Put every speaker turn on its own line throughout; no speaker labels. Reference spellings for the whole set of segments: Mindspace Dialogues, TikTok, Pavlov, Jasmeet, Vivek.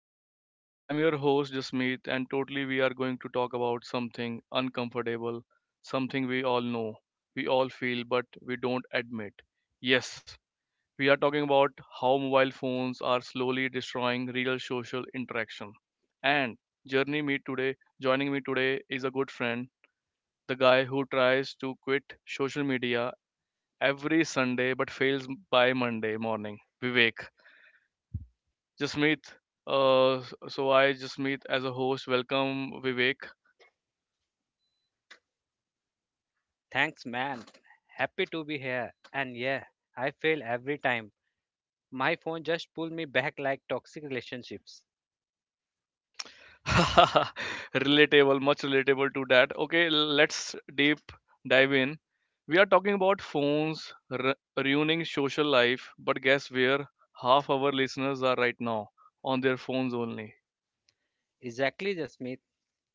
Dialogues. I'm your host, Jasmeet, and totally we are going to talk about something uncomfortable, something we all know, we all feel, but we don't admit. Yes, we are talking about how mobile phones are slowly destroying real social interaction. And journey me today, joining me today is a good friend, the guy who tries to quit social media every Sunday but fails by Monday morning. Vivek. Jasmeet. Uh, so I Jasmeet as a host. Welcome, Vivek.
Thanks, man. Happy to be here. And yeah, I fail every time. My phone just pull me back like toxic relationships.
Relatable, much relatable to that. Okay, let's deep dive in. We are talking about phones ruining social life, but guess where half our listeners are right now, on their phones only.
Exactly, Jasmeet.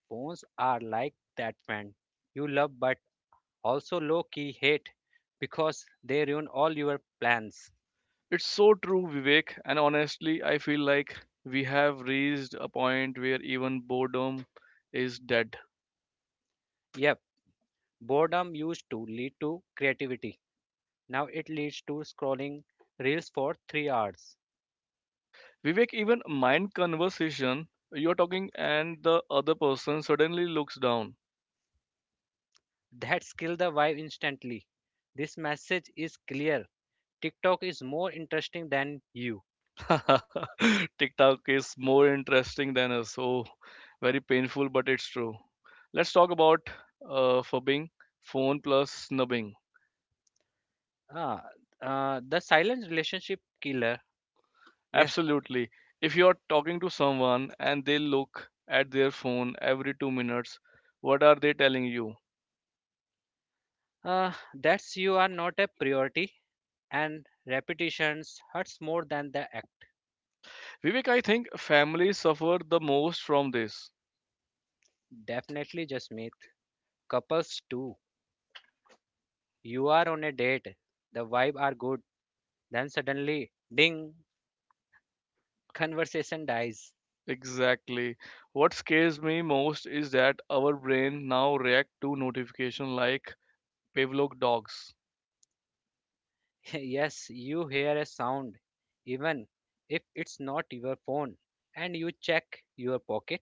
Phones are like that friend you love but also low key hate because they ruin all your plans.
It's so true, Vivek, and honestly, I feel like we have reached a point where even boredom is dead.
Yep, boredom used to lead to creativity. Now it leads to scrolling reels for 3 hours.
Vivek, even mind conversation, you're talking and the other person suddenly looks down.
That kill the vibe instantly. This message is clear. TikTok is more interesting than you.
TikTok is more interesting than us. Oh, very painful, but it's true. Let's talk about fubbing, phone plus snubbing.
Ah, the silent relationship killer. Yeah.
Absolutely. If you're talking to someone and they look at their phone every 2 minutes, what are they telling you?
That's you are not a priority, and repetitions hurts more than the act.
Vivek, I think families suffer the most from this.
Definitely, just meet couples too. You are on a date, the vibe are good, then suddenly, ding, conversation dies.
Exactly. What scares me most is that our brain now react to notification like Pavlov dogs.
Yes, you hear a sound, even if it's not your phone, and you check your pocket.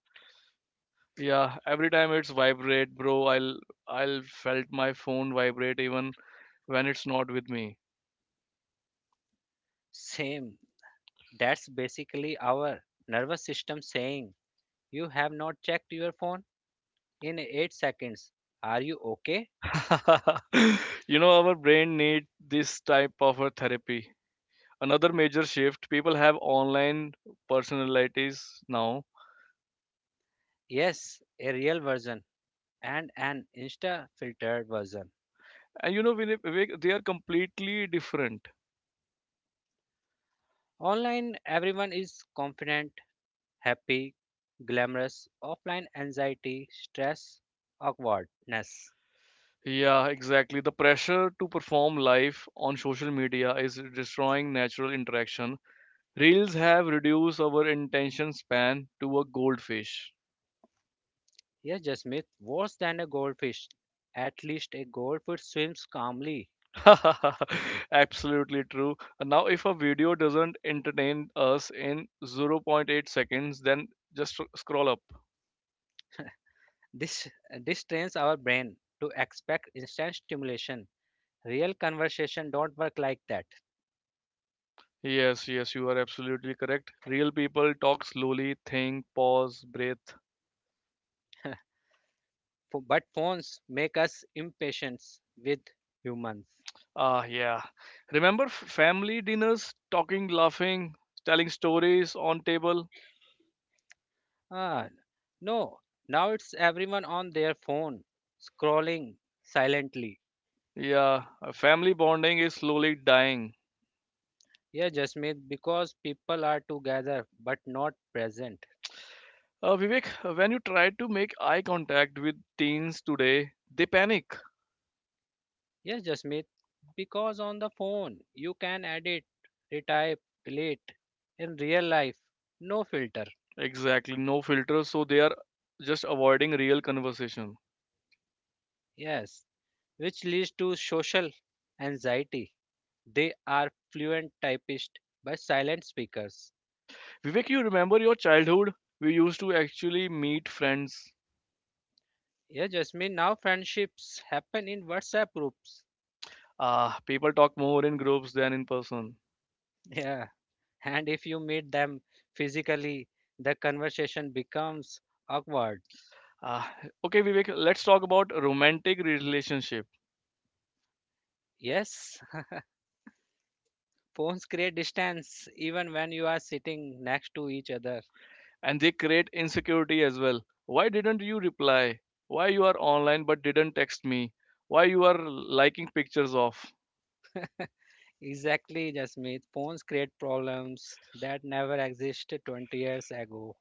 Yeah, every time it's vibrate, bro, I'll felt my phone vibrate even when it's not with me.
Same. That's basically our nervous system saying you have not checked your phone in 8 seconds. Are you okay?
You know, our brain need this type of a therapy. Another major shift, people have online personalities now.
Yes, a real version and an Insta filtered version.
And you know, they are completely different.
Online, everyone is confident, happy, glamorous. Offline, anxiety, stress, awkwardness.
Yeah, exactly. The pressure to perform live on social media is destroying natural interaction. Reels have reduced our attention span to a goldfish.
Yes, Jasmeet, worse than a goldfish. At least a goldfish swims calmly.
Absolutely true. And now, if a video doesn't entertain us in zero point 0.8 seconds, then just scroll up.
This, this trains our brain to expect instant stimulation. Real conversation don't work like that.
Yes, yes, you are absolutely correct. Real people talk slowly, think, pause, breathe.
But phones make us impatient with humans.
Yeah. Remember family dinners, talking, laughing, telling stories on table?
Ah, no, now it's everyone on their phone scrolling silently.
Yeah, family bonding is slowly dying.
Yes, Jasmeet, because people are together but not present.
Vivek, when you try to make eye contact with teens today, they panic.
Yes, Jasmeet, because on the phone you can edit, retype, delete. In real life, no filter.
Exactly, no filter, so they are just avoiding real conversation.
Yes, which leads to social anxiety. They are fluent typists but silent speakers.
Vivek, you remember your childhood? We used to actually meet friends.
Yeah, Jasmine, now friendships happen in WhatsApp groups.
People talk more in groups than in person.
Yeah. And if you meet them physically, the conversation becomes awkward.
Ah, okay, Vivek, let's talk about romantic relationship.
Yes, phones create distance even when you are sitting next to each other.
And they create insecurity as well. Why didn't you reply? Why you are online but didn't text me? Why you are liking pictures of
Exactly, Jasmine. Phones create problems that never existed 20 years ago.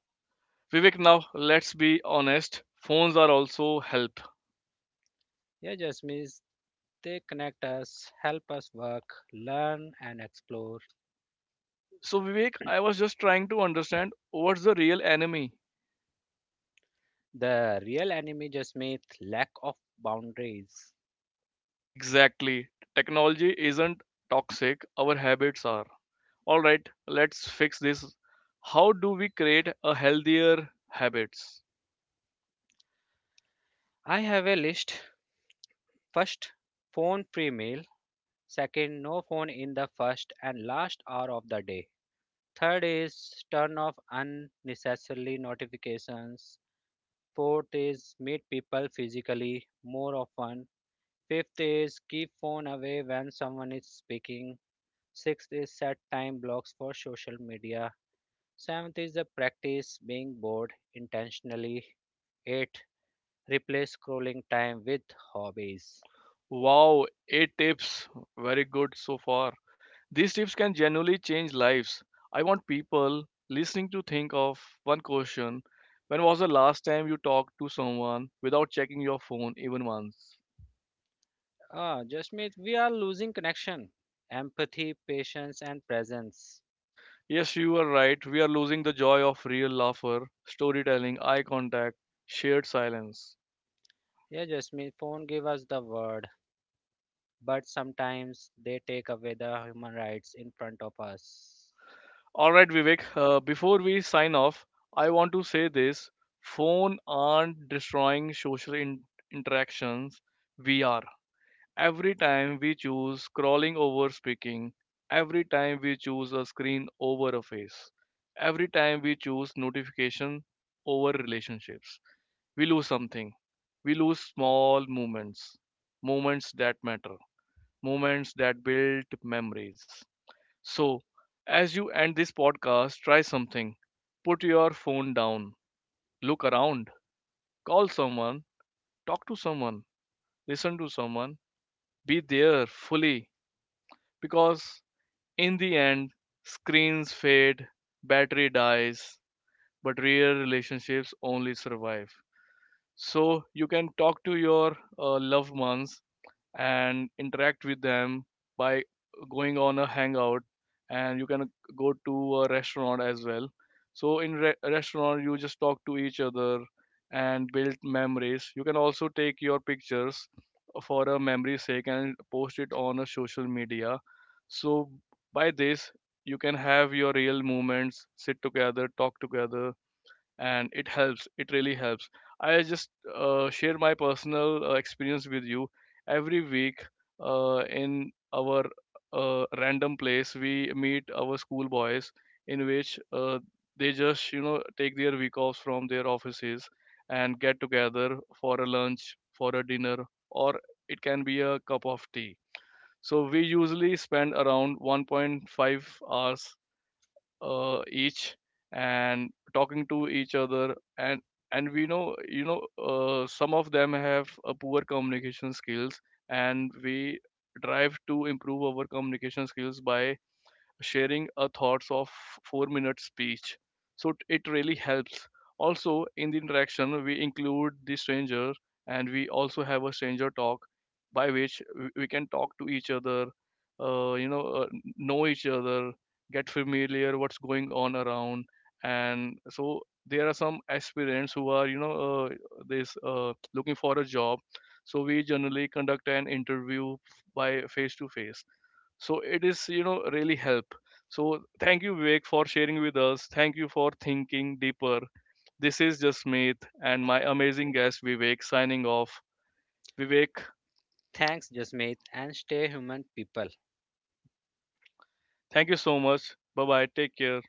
Vivek? Now let's be honest, phones are also help.
Yeah, Jasmine, they connect us, help us work, learn, and explore.
So, Vivek, I was just trying to understand what's the real enemy.
The real enemy, Jasmine, lack of boundaries.
Exactly, technology isn't toxic, our habits are. All right, let's fix this. How do we create a healthier habits?
I have a list. First, phone pre meal. Second, no phone in the first and last hour of the day. Third is turn off unnecessary notifications. Fourth is meet people physically more often. Fifth is keep phone away when someone is speaking. Sixth is set time blocks for social media. Seventh is the practice being bored intentionally. Eight, replace scrolling time with hobbies.
Wow, eight tips. Very good so far. These tips can genuinely change lives. I want people listening to think of one question. When was the last time you talked to someone without checking your phone even once?
Ah, Jasmeet, we are losing connection, empathy, patience, and presence.
Yes, you are right. We are losing the joy of real laughter, storytelling, eye contact, shared silence.
Yeah, Jasmeet, phone give us the word, but sometimes they take away the human rights in front of us.
All right, Vivek, before we sign off, I want to say this: phone aren't destroying social interactions. We are. Every time we choose crawling over speaking, every time we choose a screen over a face, every time we choose notification over relationships, we lose something. We lose small moments, moments that matter, moments that build memories. So, as you end this podcast, try something. Put your phone down, look around, call someone, talk to someone, listen to someone, be there fully, because in the end, screens fade, battery dies, but real relationships only survive. So you can talk to your loved ones and interact with them by going on a hangout, and you can go to a restaurant as well. So in restaurant, you just talk to each other and build memories. You can also take your pictures for a memory sake and post it on a social media. So by this, you can have your real moments, sit together, talk together, and it helps, it really helps. I just share my personal experience with you. Every week in our random place, we meet our school boys, in which they just take their week offs from their offices and get together for a lunch, for a dinner, or it can be a cup of tea. So we usually spend around 1.5 hours each, and talking to each other, and we know, some of them have a poor communication skills, and we drive to improve our communication skills by sharing a thoughts of 4-minute speech. So it really helps. Also, in the interaction, we include the stranger, and we also have a stranger talk, by which we can talk to each other, uh, you know, uh, know each other, get familiar what's going on around. And so there are some aspirants who are, you know, this looking for a job. So we generally conduct an interview by face to face, so it is really help. So thank you, Vivek, for sharing with us. Thank you for thinking deeper. This is just Meet and my amazing guest Vivek signing off. Vivek,
Thanks, Jasmeet, and stay human, people.
thank you so much. Bye bye, take care.